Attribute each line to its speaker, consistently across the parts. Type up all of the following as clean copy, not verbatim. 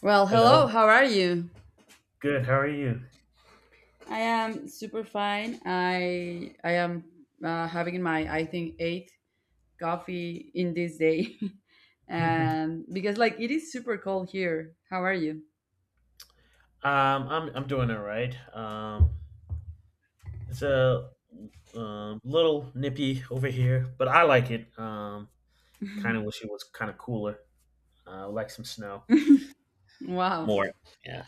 Speaker 1: Well, hello.
Speaker 2: Hello.
Speaker 1: How are you?
Speaker 2: Good. How are you?
Speaker 1: I am super fine. I am having my I think eighth coffee in this day,
Speaker 2: um,
Speaker 1: and because like it is super cold here. How are you?
Speaker 2: I'm doing all right. It's a little nippy over here, but I like it. Kind of wish it was kind of cooler. I like some snow
Speaker 1: Wow.
Speaker 2: more. Yeah.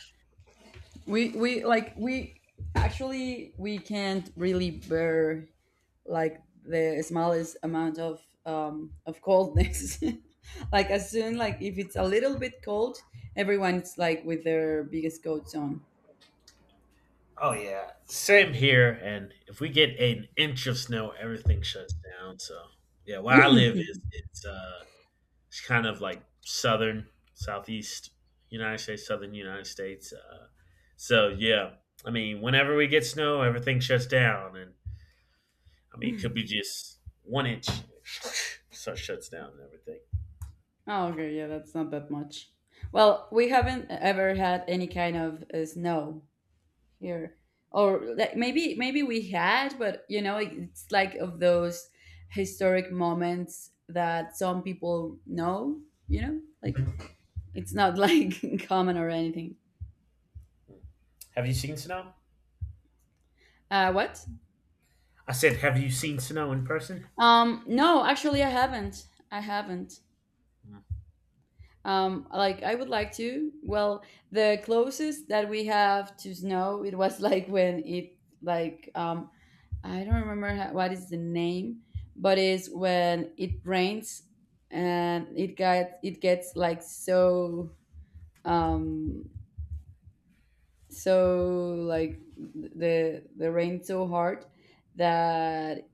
Speaker 1: We actually we can't really bear like the smallest amount of of coldness. Like as soon like if it's a little bit cold, everyone's like with their biggest coats on.
Speaker 2: Oh yeah. Same here. And if we get an inch of snow, everything shuts down. So yeah, where I live is it's It's kind of like southeast United States, southern United States. So yeah, I mean, whenever we get snow, everything shuts down, and I mean, it could be just one inch, so it shuts down and everything.
Speaker 1: Oh, okay, yeah, that's not that much. Well, we haven't ever had any kind of snow here, or like, maybe we had, but you know, it's like of those historic moments that some people know. You know, like
Speaker 2: Mhm.
Speaker 1: it's not like common or anything.
Speaker 2: Have you seen snow?
Speaker 1: What?
Speaker 2: I said, have you seen snow in person?
Speaker 1: No, actually, I haven't. I haven't.
Speaker 2: Mm.
Speaker 1: Like I would like to. Well, the closest that we have to snow, it was like when it like I don't remember what is the name, but it's when it rains and it gets like so um so like the rain so hard that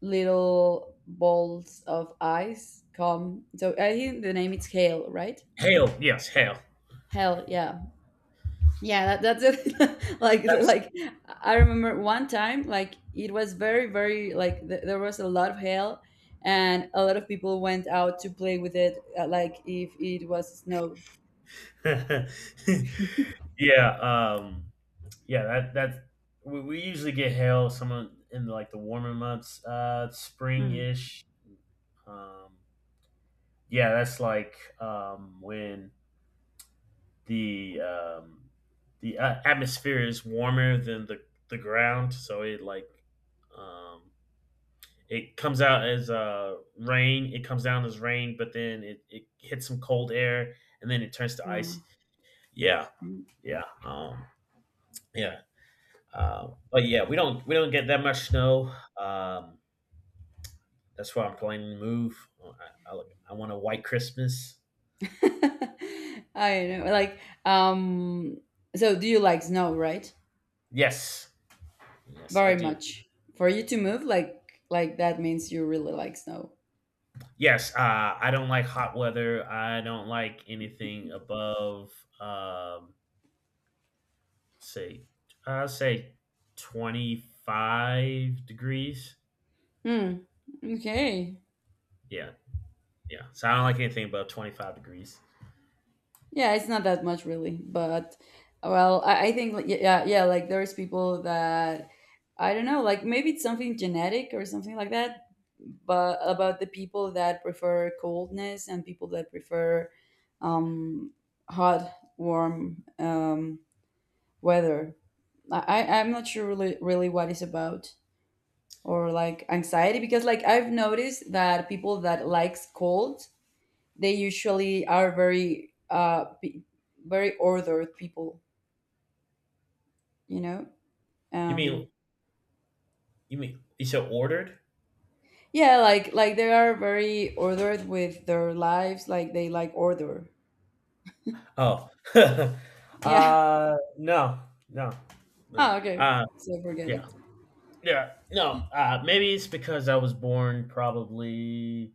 Speaker 1: little balls of ice come. So I think the name is hail, right?
Speaker 2: Hail, yes, hail.
Speaker 1: Hail, yeah. That's it.
Speaker 2: That's
Speaker 1: I remember one time like it was very like there was a lot of hail, and a lot of people went out to play with it, like if it was snow.
Speaker 2: yeah, um, yeah. That we usually get hail. Someone in like the warmer months, spring
Speaker 1: Mm,
Speaker 2: ish. Um, yeah, that's like when the um, the atmosphere is warmer than the ground, so it like um, it comes out as rain. It comes down as rain, but then it hits some cold air, and then it turns to ice.
Speaker 1: mm.
Speaker 2: Yeah, yeah, yeah. But yeah, we don't get that much snow. Um, that's why I'm planning to move. I want a white Christmas.
Speaker 1: I know, like so do you like snow, right?
Speaker 2: Yes, yes, I
Speaker 1: Very
Speaker 2: do.
Speaker 1: much. For you to move like that means you really like snow.
Speaker 2: Yes, I don't like hot weather. I don't like anything above, um, say, I say, 25 degrees.
Speaker 1: Hmm. Okay.
Speaker 2: Yeah, yeah. So I don't like anything above 25 degrees.
Speaker 1: Yeah, it's not that much really, but well, I think like, yeah, yeah, like there's people that I don't know, like maybe it's something genetic or something like that, but about the people that prefer coldness and people that prefer um, hot, warm weather. I'm not sure really, what it's about or like anxiety, because like I've noticed that people that likes cold, they usually are very very ordered people, you know.
Speaker 2: You
Speaker 1: um
Speaker 2: mean you mean you said ordered?
Speaker 1: yeah, like they are very ordered with their lives, like they like order.
Speaker 2: Oh,
Speaker 1: Yeah.
Speaker 2: uh, no, no, no.
Speaker 1: Oh, okay, so forget it.
Speaker 2: Yeah, yeah, no. Maybe it's because I was born probably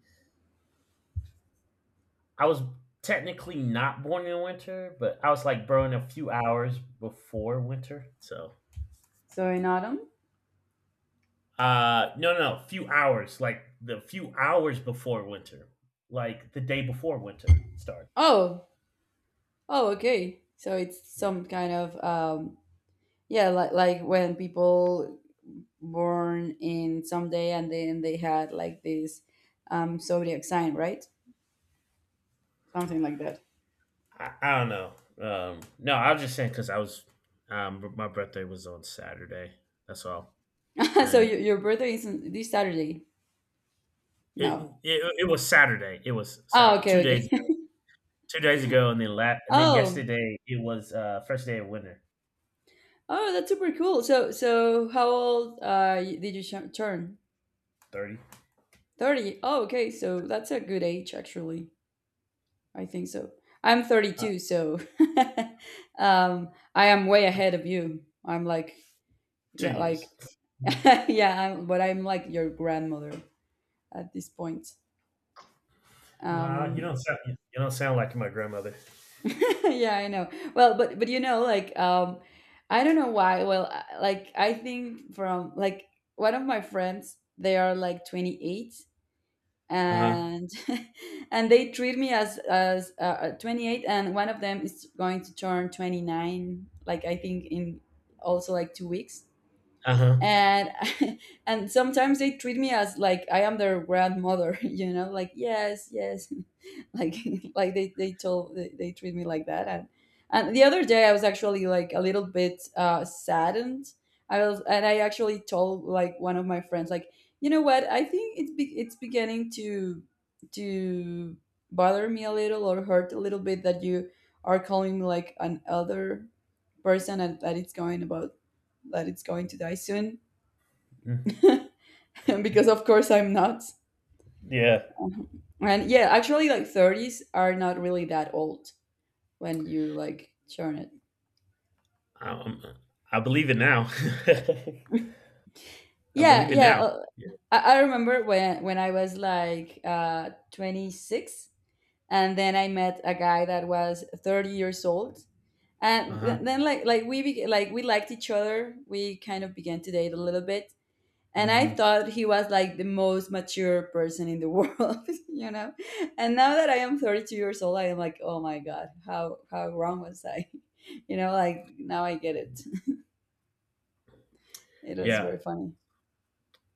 Speaker 2: I was technically not born in winter, but I was like, bro, in a few hours before winter. So,
Speaker 1: So in autumn.
Speaker 2: no, few hours, like the few hours before winter, like the day before winter starts.
Speaker 1: Oh, oh, okay, so it's
Speaker 2: Yeah.
Speaker 1: some kind of yeah, like when people born in some day and then they had like this zodiac sign, right? Something like that.
Speaker 2: I don't know. No, I was just saying because my birthday was on Saturday. That's all.
Speaker 1: So
Speaker 2: And
Speaker 1: your birthday is this Saturday?
Speaker 2: it,
Speaker 1: No.
Speaker 2: it was Saturday. It was
Speaker 1: Oh,
Speaker 2: Saturday. Two
Speaker 1: okay,
Speaker 2: days
Speaker 1: okay.
Speaker 2: ago. 2 days ago, and then and then
Speaker 1: Oh,
Speaker 2: yesterday it was first day of winter.
Speaker 1: oh, that's super cool. So, so how old did you turn?
Speaker 2: 30.
Speaker 1: 30. Oh, okay. So that's a good age, actually. I think so. I'm
Speaker 2: uh,
Speaker 1: 32, so I am way ahead of you. I'm like,
Speaker 2: Two
Speaker 1: yeah, like,
Speaker 2: years.
Speaker 1: yeah, I'm, but I'm like your grandmother at this point.
Speaker 2: Nah, you
Speaker 1: Um,
Speaker 2: don't sound you don't sound like my grandmother.
Speaker 1: yeah, I know. Well, but you know, like I don't know why. Well, like I think from like one of my friends, they are like 28,
Speaker 2: Uh huh.
Speaker 1: and and they treat me as 28, and one of them is going to turn 29, like I think in also like two weeks.
Speaker 2: Uh huh.
Speaker 1: And and sometimes they treat me as like I am their grandmother, you know, like yes, yes, like like they treat me like that. And the other day I was actually like a little bit saddened. I was and I actually told like one of my friends like, you know what, I think it's beginning to to bother me a little or hurt a little bit that you are calling me like an other person and that it's going to die soon, because of course I'm not.
Speaker 2: Yeah.
Speaker 1: And yeah, actually like 30s are not really that old when you like churn it.
Speaker 2: I, um, I believe it now. I
Speaker 1: Yeah,
Speaker 2: believe it
Speaker 1: yeah.
Speaker 2: now. Yeah.
Speaker 1: I remember when I was like 26, and then I met a guy that was 30 years old.
Speaker 2: Uh
Speaker 1: And
Speaker 2: huh.
Speaker 1: then like like we liked each other. We kind of began to date a little bit. And I
Speaker 2: Hmm.
Speaker 1: thought he was like the most mature person in the world, you know. And now that I am 32 years old, I am like, "Oh my god, how wrong was I?" You know, like now I get it. It was very
Speaker 2: Yeah.
Speaker 1: funny.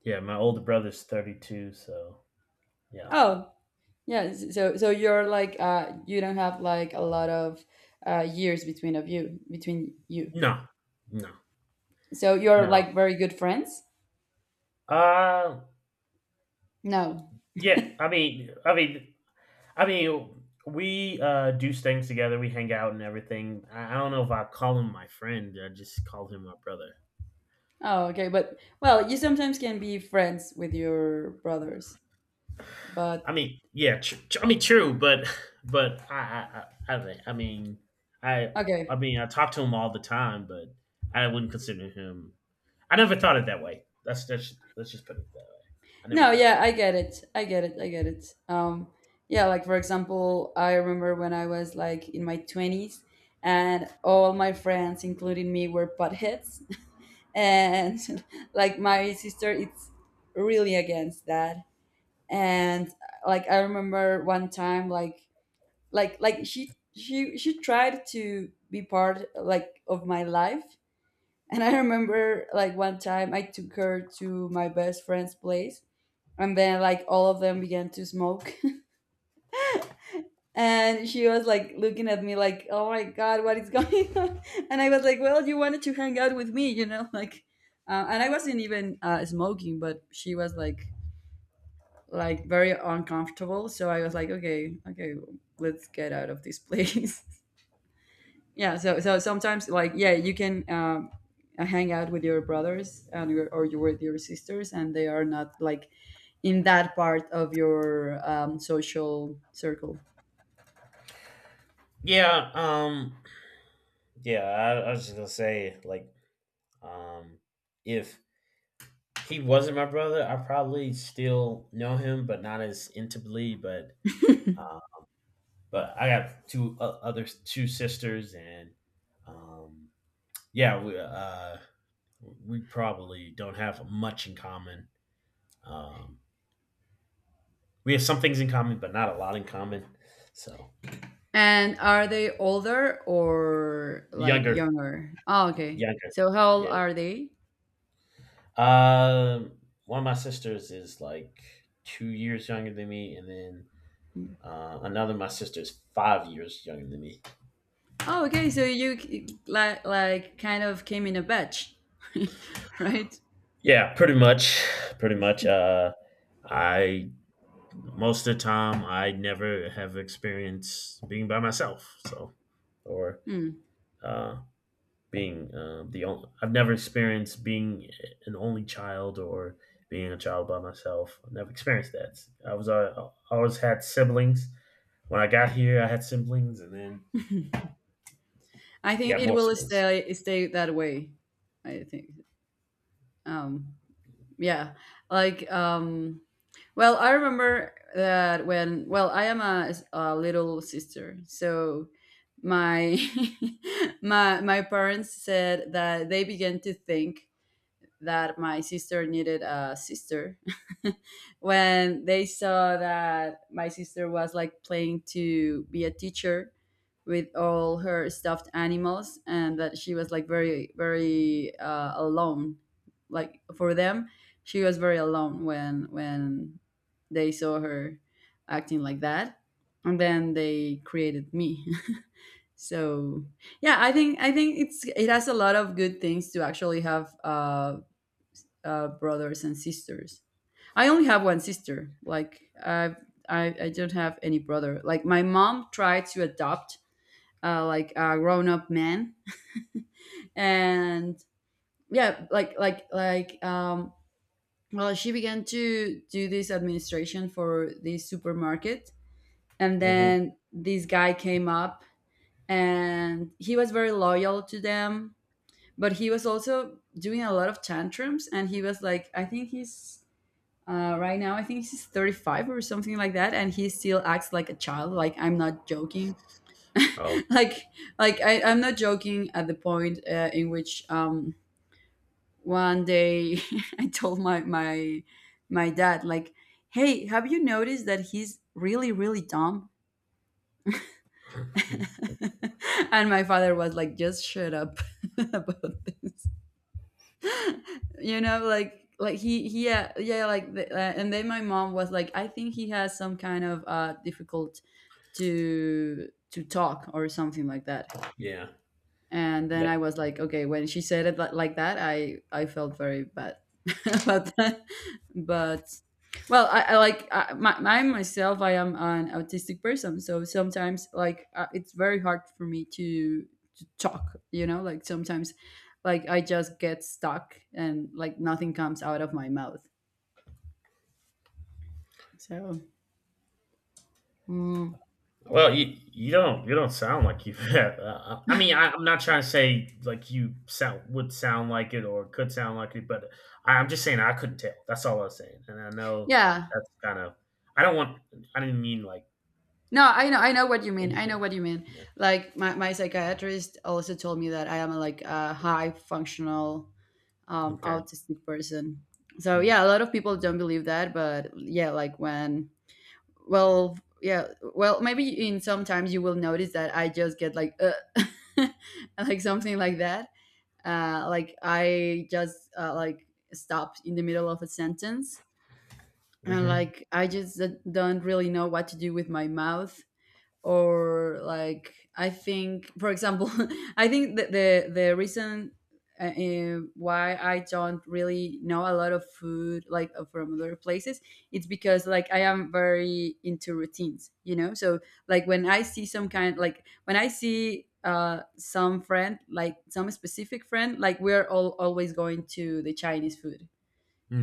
Speaker 2: Yeah. My older brother's 32. So, yeah.
Speaker 1: Oh, yeah, so so you're like you don't have like a lot of years between of you, between you.
Speaker 2: No. No.
Speaker 1: So you're
Speaker 2: No.
Speaker 1: like very good friends?
Speaker 2: Uh,
Speaker 1: No.
Speaker 2: yeah. I mean, we do things together. We hang out and everything. I don't know if I call him my friend. I just call him my brother.
Speaker 1: Oh, okay, but well, you sometimes can be friends with your brothers. But
Speaker 2: I mean, yeah, I mean, true, but I I mean I I
Speaker 1: okay.
Speaker 2: mean I talk to him all the time, but I wouldn't consider him. I never thought it that way. That's let's just put it that way. I never
Speaker 1: No,
Speaker 2: thought of
Speaker 1: yeah,
Speaker 2: that.
Speaker 1: I get it. Um, yeah, like for example, I remember when I was like in my 20s, and all my friends including me were buttheads. And like my sister, it's really against that. And like I remember one time like she tried to be part like of my life. And I remember like one time I took her to my best friend's place, and then like all of them began to smoke, and she was like looking at me like, oh my god, what is going on. And I was like, well, you wanted to hang out with me, you know. Like and I wasn't even smoking, but she was like very uncomfortable. So I was like, okay, let's get out of this place. Yeah, so so sometimes like yeah, you can hang out with your brothers and your, or you with your sisters, and they are not like in that part of your social circle.
Speaker 2: Yeah, yeah. I was just gonna say, like, um, if he wasn't my brother, I probably still know him, but not as intimately. Uh, but I have two other two sisters, and um, yeah, we we probably don't have much in common. Um, we have some things in common, but not a lot in common. So
Speaker 1: And are they older or like
Speaker 2: younger,
Speaker 1: younger? Oh, okay.
Speaker 2: younger,
Speaker 1: So how old
Speaker 2: yeah.
Speaker 1: are they?
Speaker 2: Um, one of my sisters is like 2 years younger than me, and then another my sister is 5 years younger than me.
Speaker 1: Oh, okay. So you like kind of came in a batch, right?
Speaker 2: Yeah, pretty much, pretty much. I most of the time I never have experienced being by myself, so or
Speaker 1: Hmm.
Speaker 2: uh, being the only. I've never experienced being an only child or being a child by myself. I've never experienced that. I was uh, I always had siblings. When I got here, I had siblings, and then
Speaker 1: I
Speaker 2: I
Speaker 1: think
Speaker 2: got
Speaker 1: it
Speaker 2: more
Speaker 1: will
Speaker 2: siblings.
Speaker 1: stay that way. I think. Um, yeah. Like well, I remember that when, well, I am a, a little sister, so my my parents said that they began to think that my sister needed a sister when they saw that my sister was like playing to be a teacher with all her stuffed animals and that she was like very alone. Like for them, she was very alone when they saw her acting like that. And then they created me. So yeah, I think it's it has a lot of good things to actually have brothers and sisters. I only have one sister. I don't have any brother. Like my mom tried to adopt, like, a grown up man, and yeah, like um. Well, she began to do this administration for this supermarket, and
Speaker 2: Hmm.
Speaker 1: then this guy came up, and he was very loyal to them, but he was also doing a lot of tantrums, and he was like, I think he's. Right now, I think he's 35 or something like that, and he still acts like a child. Like I'm not joking.
Speaker 2: Oh,
Speaker 1: like I, I'm not joking, at the point in which one day I told my dad like, "Hey, have you noticed that he's really dumb?" And my father was like, "Just shut up about this." You know, like he yeah, yeah, like the, and then my mom was like, I think he has some kind of difficult to talk or something like that.
Speaker 2: yeah,
Speaker 1: And then
Speaker 2: yeah.
Speaker 1: I was like, okay, when she said it like that, I felt very bad about that. But well, my myself, I am an autistic person, so sometimes like it's very hard for me to talk. You know, like sometimes like I just get stuck and like nothing comes out of my mouth. So mm,
Speaker 2: Well, you don't sound like you. I mean, I'm not trying to say like you sound would sound like it or could sound like it, but I'm just saying I couldn't tell. That's all I was saying, and I know
Speaker 1: yeah,
Speaker 2: that's kind of. I don't want. I didn't mean like
Speaker 1: no, I know, what you mean. I know
Speaker 2: anything.
Speaker 1: what you mean.
Speaker 2: Yeah.
Speaker 1: Like my psychiatrist also told me that I am like a high functional
Speaker 2: Okay.
Speaker 1: autistic person. So yeah, a
Speaker 2: Mm.
Speaker 1: lot of people don't believe that, but yeah, like when well, yeah, well, maybe in sometimes you will notice that I just get like like something like that. Like I just like stopped in the middle of a sentence, and
Speaker 2: Mm-hmm.
Speaker 1: like I just don't really know what to do with my mouth. Or like, I think, for example, I think that the reason why I don't really know a lot of food like from other places, it's because like I am very into routines, you know. So like when I see some kind, like when I see some friend, like some specific friend, like we're all always going to the Chinese food,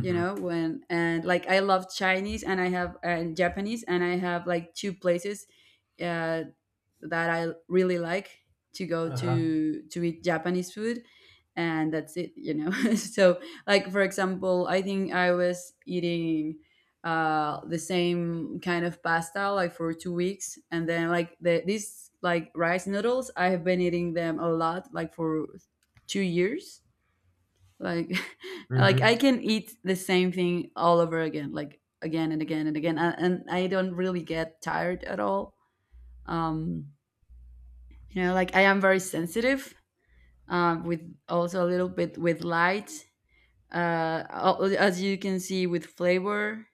Speaker 1: you know. When And like I love Chinese, and I have, and Japanese, and I have like two places uh that I really like to go
Speaker 2: Uh-huh.
Speaker 1: to eat Japanese food, and that's it, you know. So like, for example, I think I was eating the same kind of pasta like for 2 weeks. And then like these like rice noodles, I have been eating them a lot like for 2 years. Like like I
Speaker 2: Mm-hmm.
Speaker 1: can eat the same thing all over again, like again and again and again, and I don't really get tired at all. Um you know, like I am very sensitive, with, also a little bit with light, as you can see, with flavor,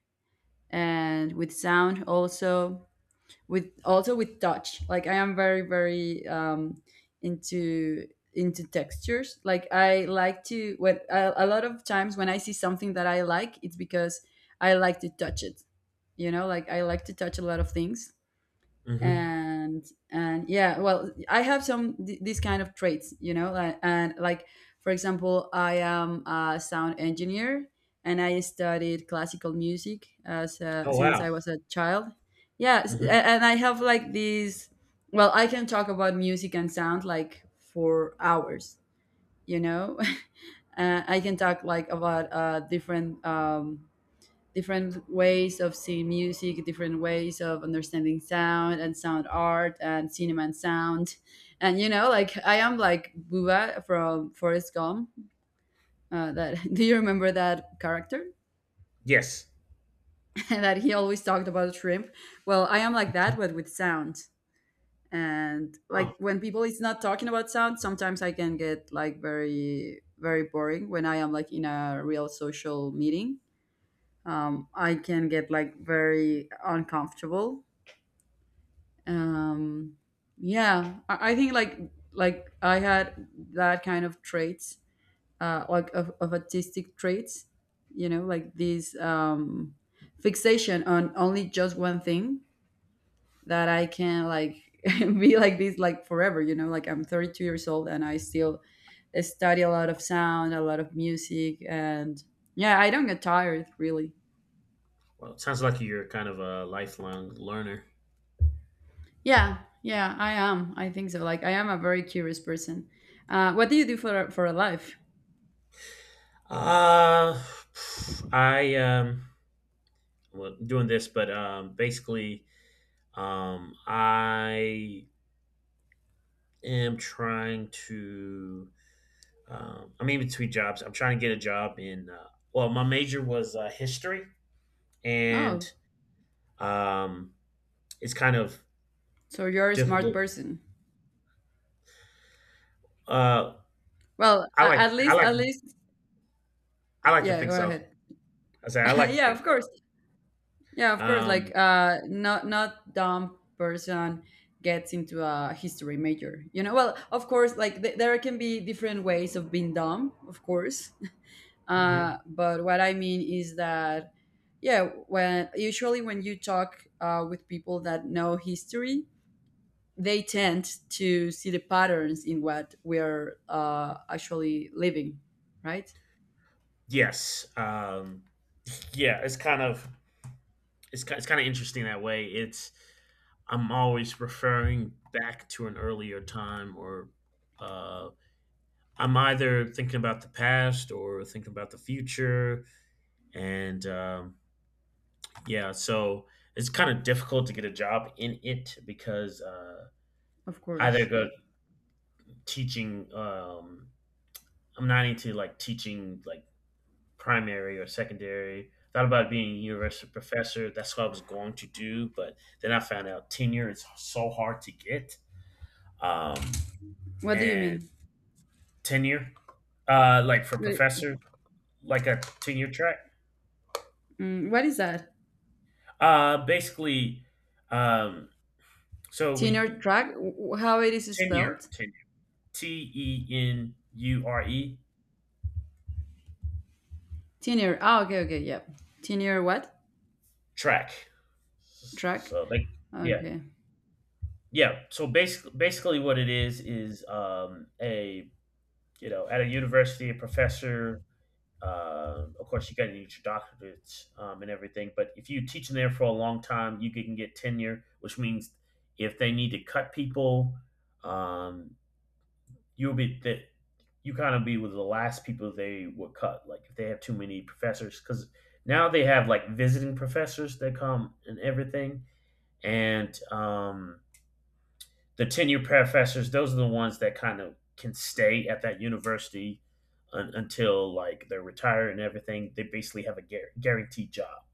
Speaker 1: and with sound also, with also with touch. Like I am very, very, into textures. Like I like to, when a lot of times when I see something that I like, it's because I like to touch it, you know. Like I like to touch a lot of things.
Speaker 2: Hmm.
Speaker 1: And and yeah, well, I have some these kind of traits, you know. Like, and like, for example, I am a sound engineer, and I studied classical music as
Speaker 2: Oh
Speaker 1: since
Speaker 2: wow.
Speaker 1: I was a child. Yeah,
Speaker 2: Mm-hmm.
Speaker 1: and I have like these. Well, I can talk about music and sound like for hours, you know. I can talk like about different, different ways of seeing music, different ways of understanding sound and sound art and cinema and sound. And you know, like I am like Booba from Forrest Gump. That, do you remember that character
Speaker 2: Yes.
Speaker 1: that he always talked about shrimp? Well, I am like that, but with sound. And
Speaker 2: Oh
Speaker 1: like when people is not talking about sound, sometimes I can get like very, very boring when I am like in a real social meeting. I can get like very uncomfortable. um yeah, I think, like I had that kind of traits, like of artistic traits, you know. Like this fixation on only just one thing that I can, like, be like this like forever, you know. Like I'm 32 years old and I still study a lot of sound, a lot of music, and yeah, I don't get tired really.
Speaker 2: well, it sounds like you're kind of a lifelong learner.
Speaker 1: Yeah, yeah, I am. I think so. Like, I am a very curious person. What do you do for a life?
Speaker 2: Uh, I. Well, doing this, but basically, I am trying to. I'm in between jobs. I'm trying to get a job in. Well, my major was history, and
Speaker 1: Oh,
Speaker 2: um, it's kind of
Speaker 1: so you're a smart
Speaker 2: difficult.
Speaker 1: person.
Speaker 2: Uh,
Speaker 1: Well,
Speaker 2: I like. I like.
Speaker 1: at least,
Speaker 2: I like to
Speaker 1: yeah.
Speaker 2: think
Speaker 1: Go
Speaker 2: so.
Speaker 1: ahead.
Speaker 2: I say I like to
Speaker 1: Yeah,
Speaker 2: think
Speaker 1: of
Speaker 2: so.
Speaker 1: course. Yeah, of course. Like,
Speaker 2: Um,
Speaker 1: not dumb person gets into a history major. You know. Well, of course. Like, there can be different ways of being dumb. Of course.
Speaker 2: mhm.
Speaker 1: But what I mean is that, yeah, when, usually when you talk with people that know history, they tend to see the patterns in what we're actually living, right?
Speaker 2: Yes. Yeah. It's kind of interesting that way. It's I'm always referring back to an earlier time, or uh, I'm either thinking about the past or thinking about the future, and yeah, so it's kind of difficult to get a job in it because
Speaker 1: Of
Speaker 2: either
Speaker 1: course,
Speaker 2: go
Speaker 1: yeah.
Speaker 2: teaching. I'm not into like teaching like primary or secondary. Thought about being a university professor. That's what I was going to do, but then I found out tenure is so hard to get. Um,
Speaker 1: What do you
Speaker 2: and
Speaker 1: mean?
Speaker 2: tenure, like for
Speaker 1: Wait,
Speaker 2: professor, like a tenure track.
Speaker 1: what is that?
Speaker 2: Basically, um, so
Speaker 1: Tenure
Speaker 2: we you
Speaker 1: track?
Speaker 2: know,
Speaker 1: How it is spelled?
Speaker 2: tenure, T E N U R E
Speaker 1: Tenure. Oh, okay, okay, yeah. Tenure what?
Speaker 2: track.
Speaker 1: Track?
Speaker 2: So like, yeah,
Speaker 1: Okay.
Speaker 2: yeah. So basically, what it is a you know, at a university, a professor, of course, you got to get your doctorates and everything. But if you teach them there for a long time, you can get tenure, which means if they need to cut people, um, you'll be that you kind of be with the last people they would cut. Like if they have too many professors, because now they have like visiting professors that come and everything, and the tenured professors, those are the ones that kind of can stay at that university until like they're retired and everything. They basically have a guaranteed job.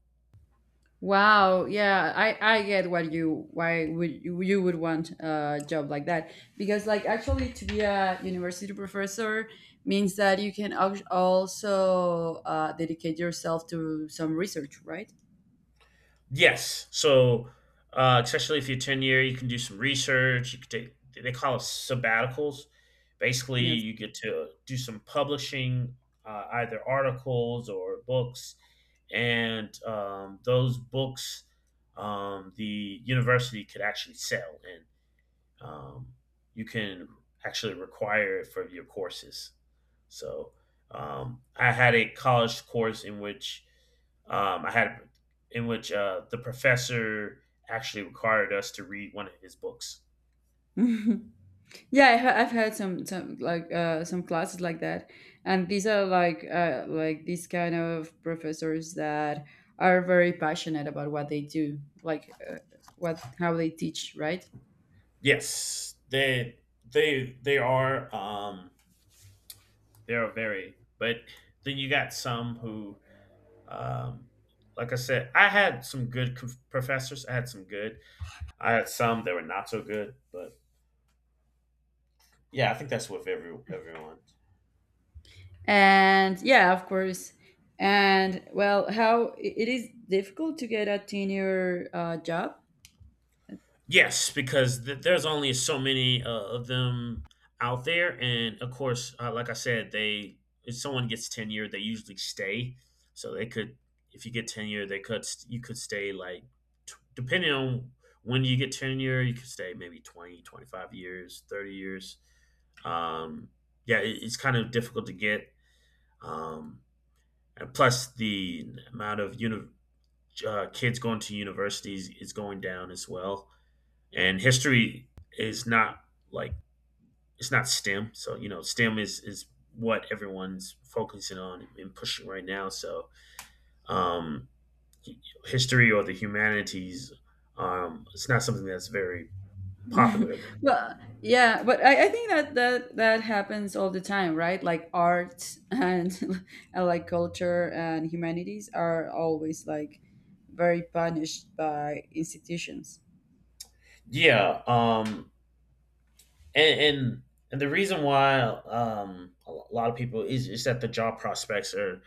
Speaker 1: Wow, yeah, I get what you, why would you, you would want a job like that, because like actually to be a university professor means that you can also dedicate yourself to some research, right?
Speaker 2: Yes. So, especially if you're tenure, you can do some research. You could take they call it sabbaticals. Basically,
Speaker 1: Yes.
Speaker 2: you get to do some publishing, either articles or books, and those books the university could actually sell and um, you can actually require it for your courses. So I had a college course in which I had in which the professor actually required us to read one of his books.
Speaker 1: Yeah, I've had some, like, some classes like that, and these are like, like these kind of professors that are very passionate about what they do, like, what how they teach, right?
Speaker 2: Yes, they they are very. But then you got some who, um, like I said, I had some good professors. I had some good. I had some that were not so good, but yeah, I think that's with everyone.
Speaker 1: And yeah, of course. And well, it is difficult to get a tenure job.
Speaker 2: Yes, because there's only so many of them out there, and of course, like I said, they if someone gets tenure, they usually stay. So they could, if you get tenure, they could you could stay like depending on when you get tenure, you could stay maybe 20, 25 years, 30 years. Um, yeah, it's kind of difficult to get. Um, and plus the amount of kids going to universities is going down as well. And history is not like it's not STEM. So you know, STEM is what everyone's focusing on and pushing right now. So um, history or the humanities, it's not something that's very popular at this point.
Speaker 1: Well, yeah, but I think that that happens all the time, right? Like art, and and like culture and humanities are always like very punished by institutions.
Speaker 2: Yeah, and and, and the reason why a lot of people is that the job prospects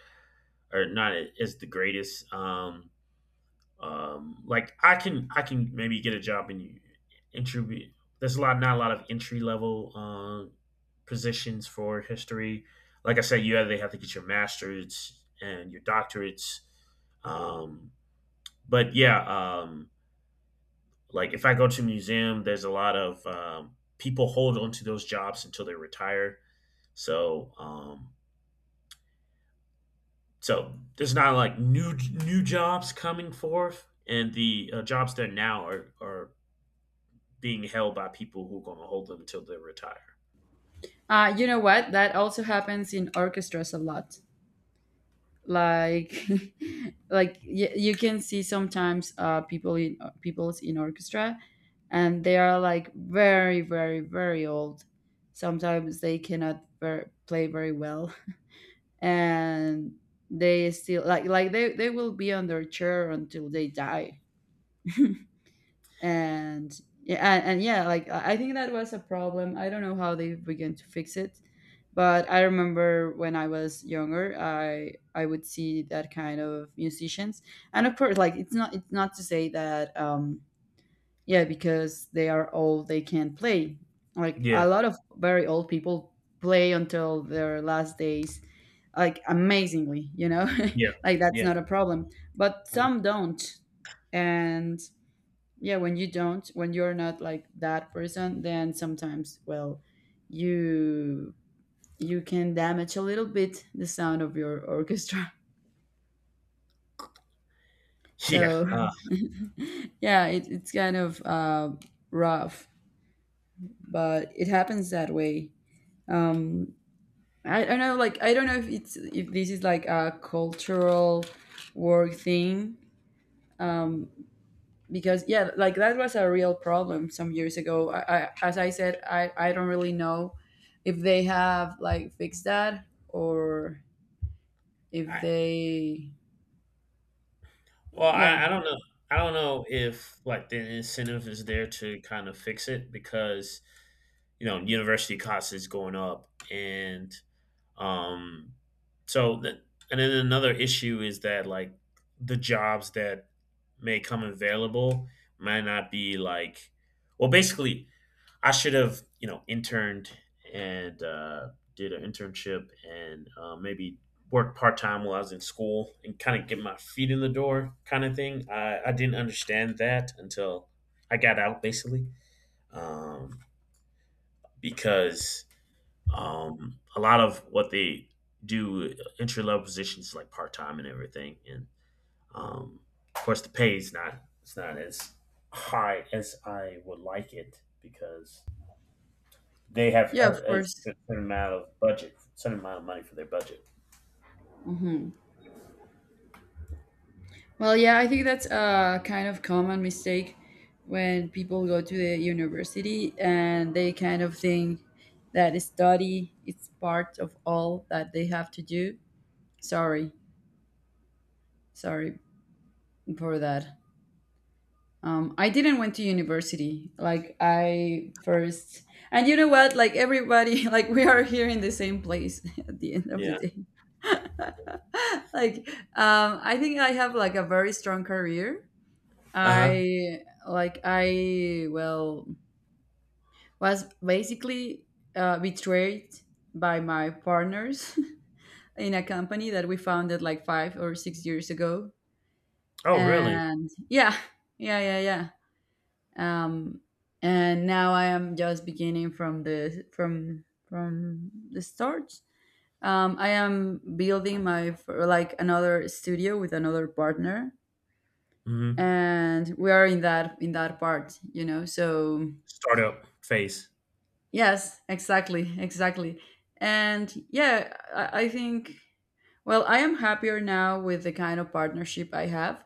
Speaker 2: are not as the greatest. Like I can maybe get a job in entry. There's a lot not a lot of entry level positions for history. Like I said, you either have to get your masters and your doctorates. Um, but yeah, like if I go to a museum, there's a lot of people hold on to those jobs until they retire. So so there's not like new jobs coming forth, and the jobs there now are being held by people who are going to hold them until they retire.
Speaker 1: You know what? That also happens in orchestras a lot. Like like you can see sometimes people in orchestra, and they are like very, very, very old. Sometimes they cannot play very well, and they still like they will be on their chair until they die. And yeah, and yeah, like I think that was a problem. I don't know how they began to fix it, but I remember when I was younger, I would see that kind of musicians. And of course, like, it's not to say that, yeah, because they are old they can't play. Like
Speaker 2: Yeah,
Speaker 1: a lot of very old people play until their last days, like, amazingly, you know.
Speaker 2: yeah,
Speaker 1: Like, that's
Speaker 2: yeah,
Speaker 1: not a problem, but
Speaker 2: Um,
Speaker 1: some don't. And yeah, when you're not like that person, then sometimes, well, you you can damage a little bit the sound of your orchestra.
Speaker 2: yeah.
Speaker 1: So yeah, it's kind of rough, but it happens that way. um I don't know, like, I don't know if it's, if this is like a cultural work thing. um because yeah, like that was a real problem some years ago. As I said, I don't really know if they have like fixed that, or if
Speaker 2: I,
Speaker 1: they.
Speaker 2: well,
Speaker 1: Yeah,
Speaker 2: I don't know. I don't know if like the incentive is there to kind of fix it because you know university costs is going up, and um, so that and then another issue is that like the jobs that may come available might not be like well, basically I should have, you know, interned and did an internship and maybe worked part time while I was in school and kind of get my feet in the door, kind of thing. I didn't understand that until I got out, basically, um, because a lot of what they do entry level positions like part time and everything, and um, of course the pay is not it's not as high as I would like it because they have
Speaker 1: yeah, of
Speaker 2: a
Speaker 1: course.
Speaker 2: certain amount of budget, certain amount of money for their budget.
Speaker 1: hmm well, yeah, I think that's a kind of common mistake, when people go to the university and they kind of think that study is part of all that they have to do. sorry Sorry for that. I didn't went to university. Like I first, and you know what? Like everybody, like we are here in the same place at the end of the
Speaker 2: Yeah.
Speaker 1: day. Like, I think I have like a very strong career.
Speaker 2: Uh huh.
Speaker 1: I Like I well was basically betrayed by my partners in a company that we founded like 5 or 6 years ago.
Speaker 2: Oh, really?
Speaker 1: And yeah, yeah, yeah, yeah. um, and now I am just beginning from the start. I am building my like another studio with another partner,
Speaker 2: Mm-hmm.
Speaker 1: and we are in that part, you know. So
Speaker 2: Startup phase.
Speaker 1: yes, exactly, exactly, and yeah, I think. Well, I am happier now with the kind of partnership I have.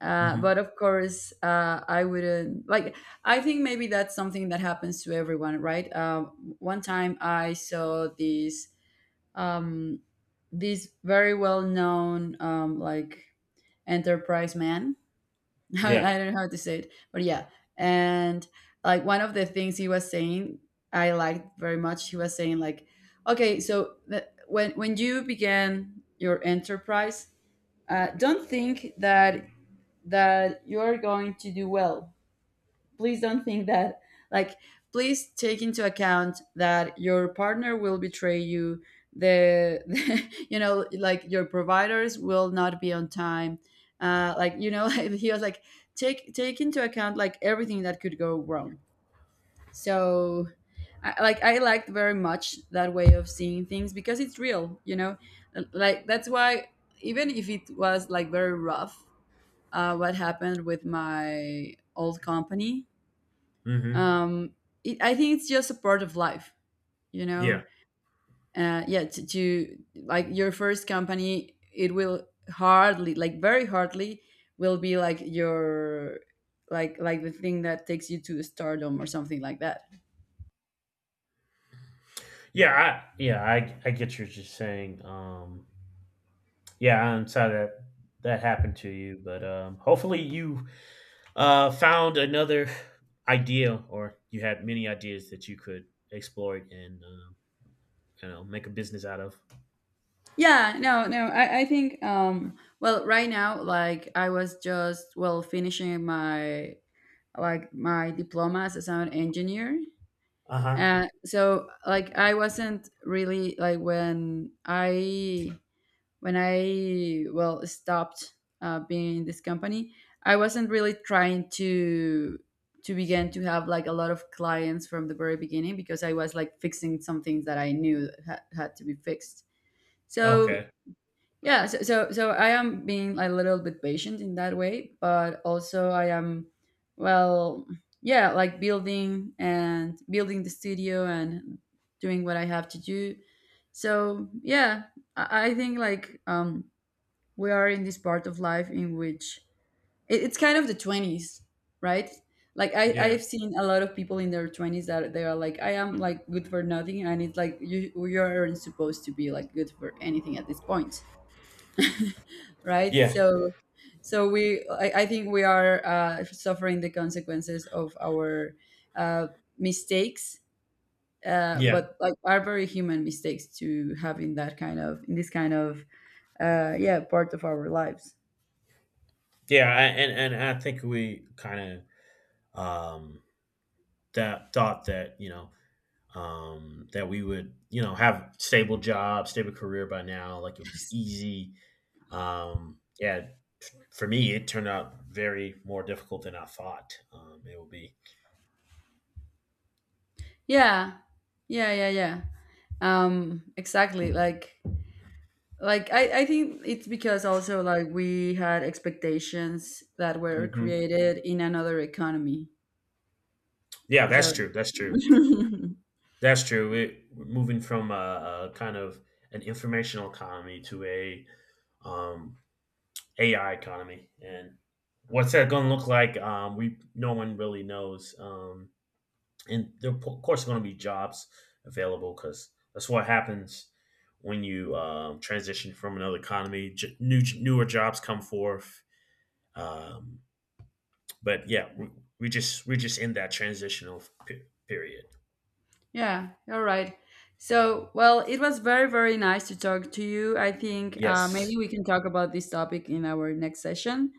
Speaker 2: Mm-hmm.
Speaker 1: But of course, I wouldn't like. I think maybe that's something that happens to everyone, right? One time I saw this, um, this very well known like, enterprise man. I,
Speaker 2: Yeah.
Speaker 1: I don't know how to say it, but yeah, and like one of the things he was saying, I liked very much. He was saying like, okay, so when you began your enterprise, don't think that you're going to do well. Please don't think that, like, please take into account that your partner will betray you. The, you know, like your providers will not be on time. Like, you know, he was like, take into account like everything that could go wrong. So, I, like, I liked very much that way of seeing things because it's real. You know, like that's why, even if it was like very rough, what happened with my old company.
Speaker 2: Mm-hmm.
Speaker 1: Um, I think it's just a part of life, you
Speaker 2: Yeah.
Speaker 1: know. Yeah, to like, your first company, it will hardly, like very hardly, will be like your, the thing that takes you to stardom or something like that.
Speaker 2: Yeah. I. Yeah. I get what you're saying. Yeah. I'm sorry that that happened to you, but um, hopefully you found another idea, or you had many ideas that you could explore and you know make a business out of.
Speaker 1: Yeah, no, no. I think, well, right now, like I was just, well, finishing my, like my diploma as a sound engineer.
Speaker 2: Uh huh.
Speaker 1: So like I wasn't really, like when I, well, stopped being in this company. I wasn't really trying to begin to have like a lot of clients from the very beginning, because I was like fixing some things that I knew that had to be fixed. So
Speaker 2: Okay.
Speaker 1: yeah, so I am being a little bit patient in that way, but also I am, well, yeah, like building and building the studio, and doing what I have to do. So yeah, I think, like, we are in this part of life in which, it's kind of the 20s, right? Like
Speaker 2: Yeah.
Speaker 1: I've seen a lot of people in their twenties that they are like, I am like good for nothing, and it's like you aren't supposed to be like good for anything at this point, right?
Speaker 2: Yeah.
Speaker 1: So, I think we are, suffering the consequences of our, uh, mistakes,
Speaker 2: Yeah.
Speaker 1: but like are very human mistakes to have in that kind of, in this kind of, yeah, part of our lives.
Speaker 2: Yeah, I, and I think we kind of that thought that that we would you know have stable job, stable career by now. Like it was easy. Yeah, for me, it turned out very more difficult than I thought it would be.
Speaker 1: Yeah, yeah, yeah, yeah. Exactly. Like I think it's because also, like, we had expectations that were
Speaker 2: Hmm.
Speaker 1: created in another economy.
Speaker 2: Yeah,
Speaker 1: So
Speaker 2: that's true. That's true. That's true. We're moving from a kind of an informational economy to a um, AI economy and what's that going to look like? We no one really knows. And there are, of course going to be jobs available because that's what happens when you transition from another economy. New newer jobs come forth. Um, but yeah, we just we're just in that transitional period.
Speaker 1: yeah, all right. So, well, it was very, very nice to talk to you. I think maybe
Speaker 2: Yes,
Speaker 1: we can talk about this topic in our next session.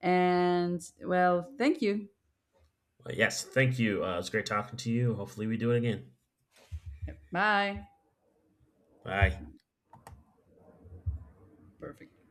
Speaker 1: And, well, thank you.
Speaker 2: yes. Thank you. It's great talking to you. Hopefully, we do it again.
Speaker 1: Bye.
Speaker 2: Bye.
Speaker 1: Perfect.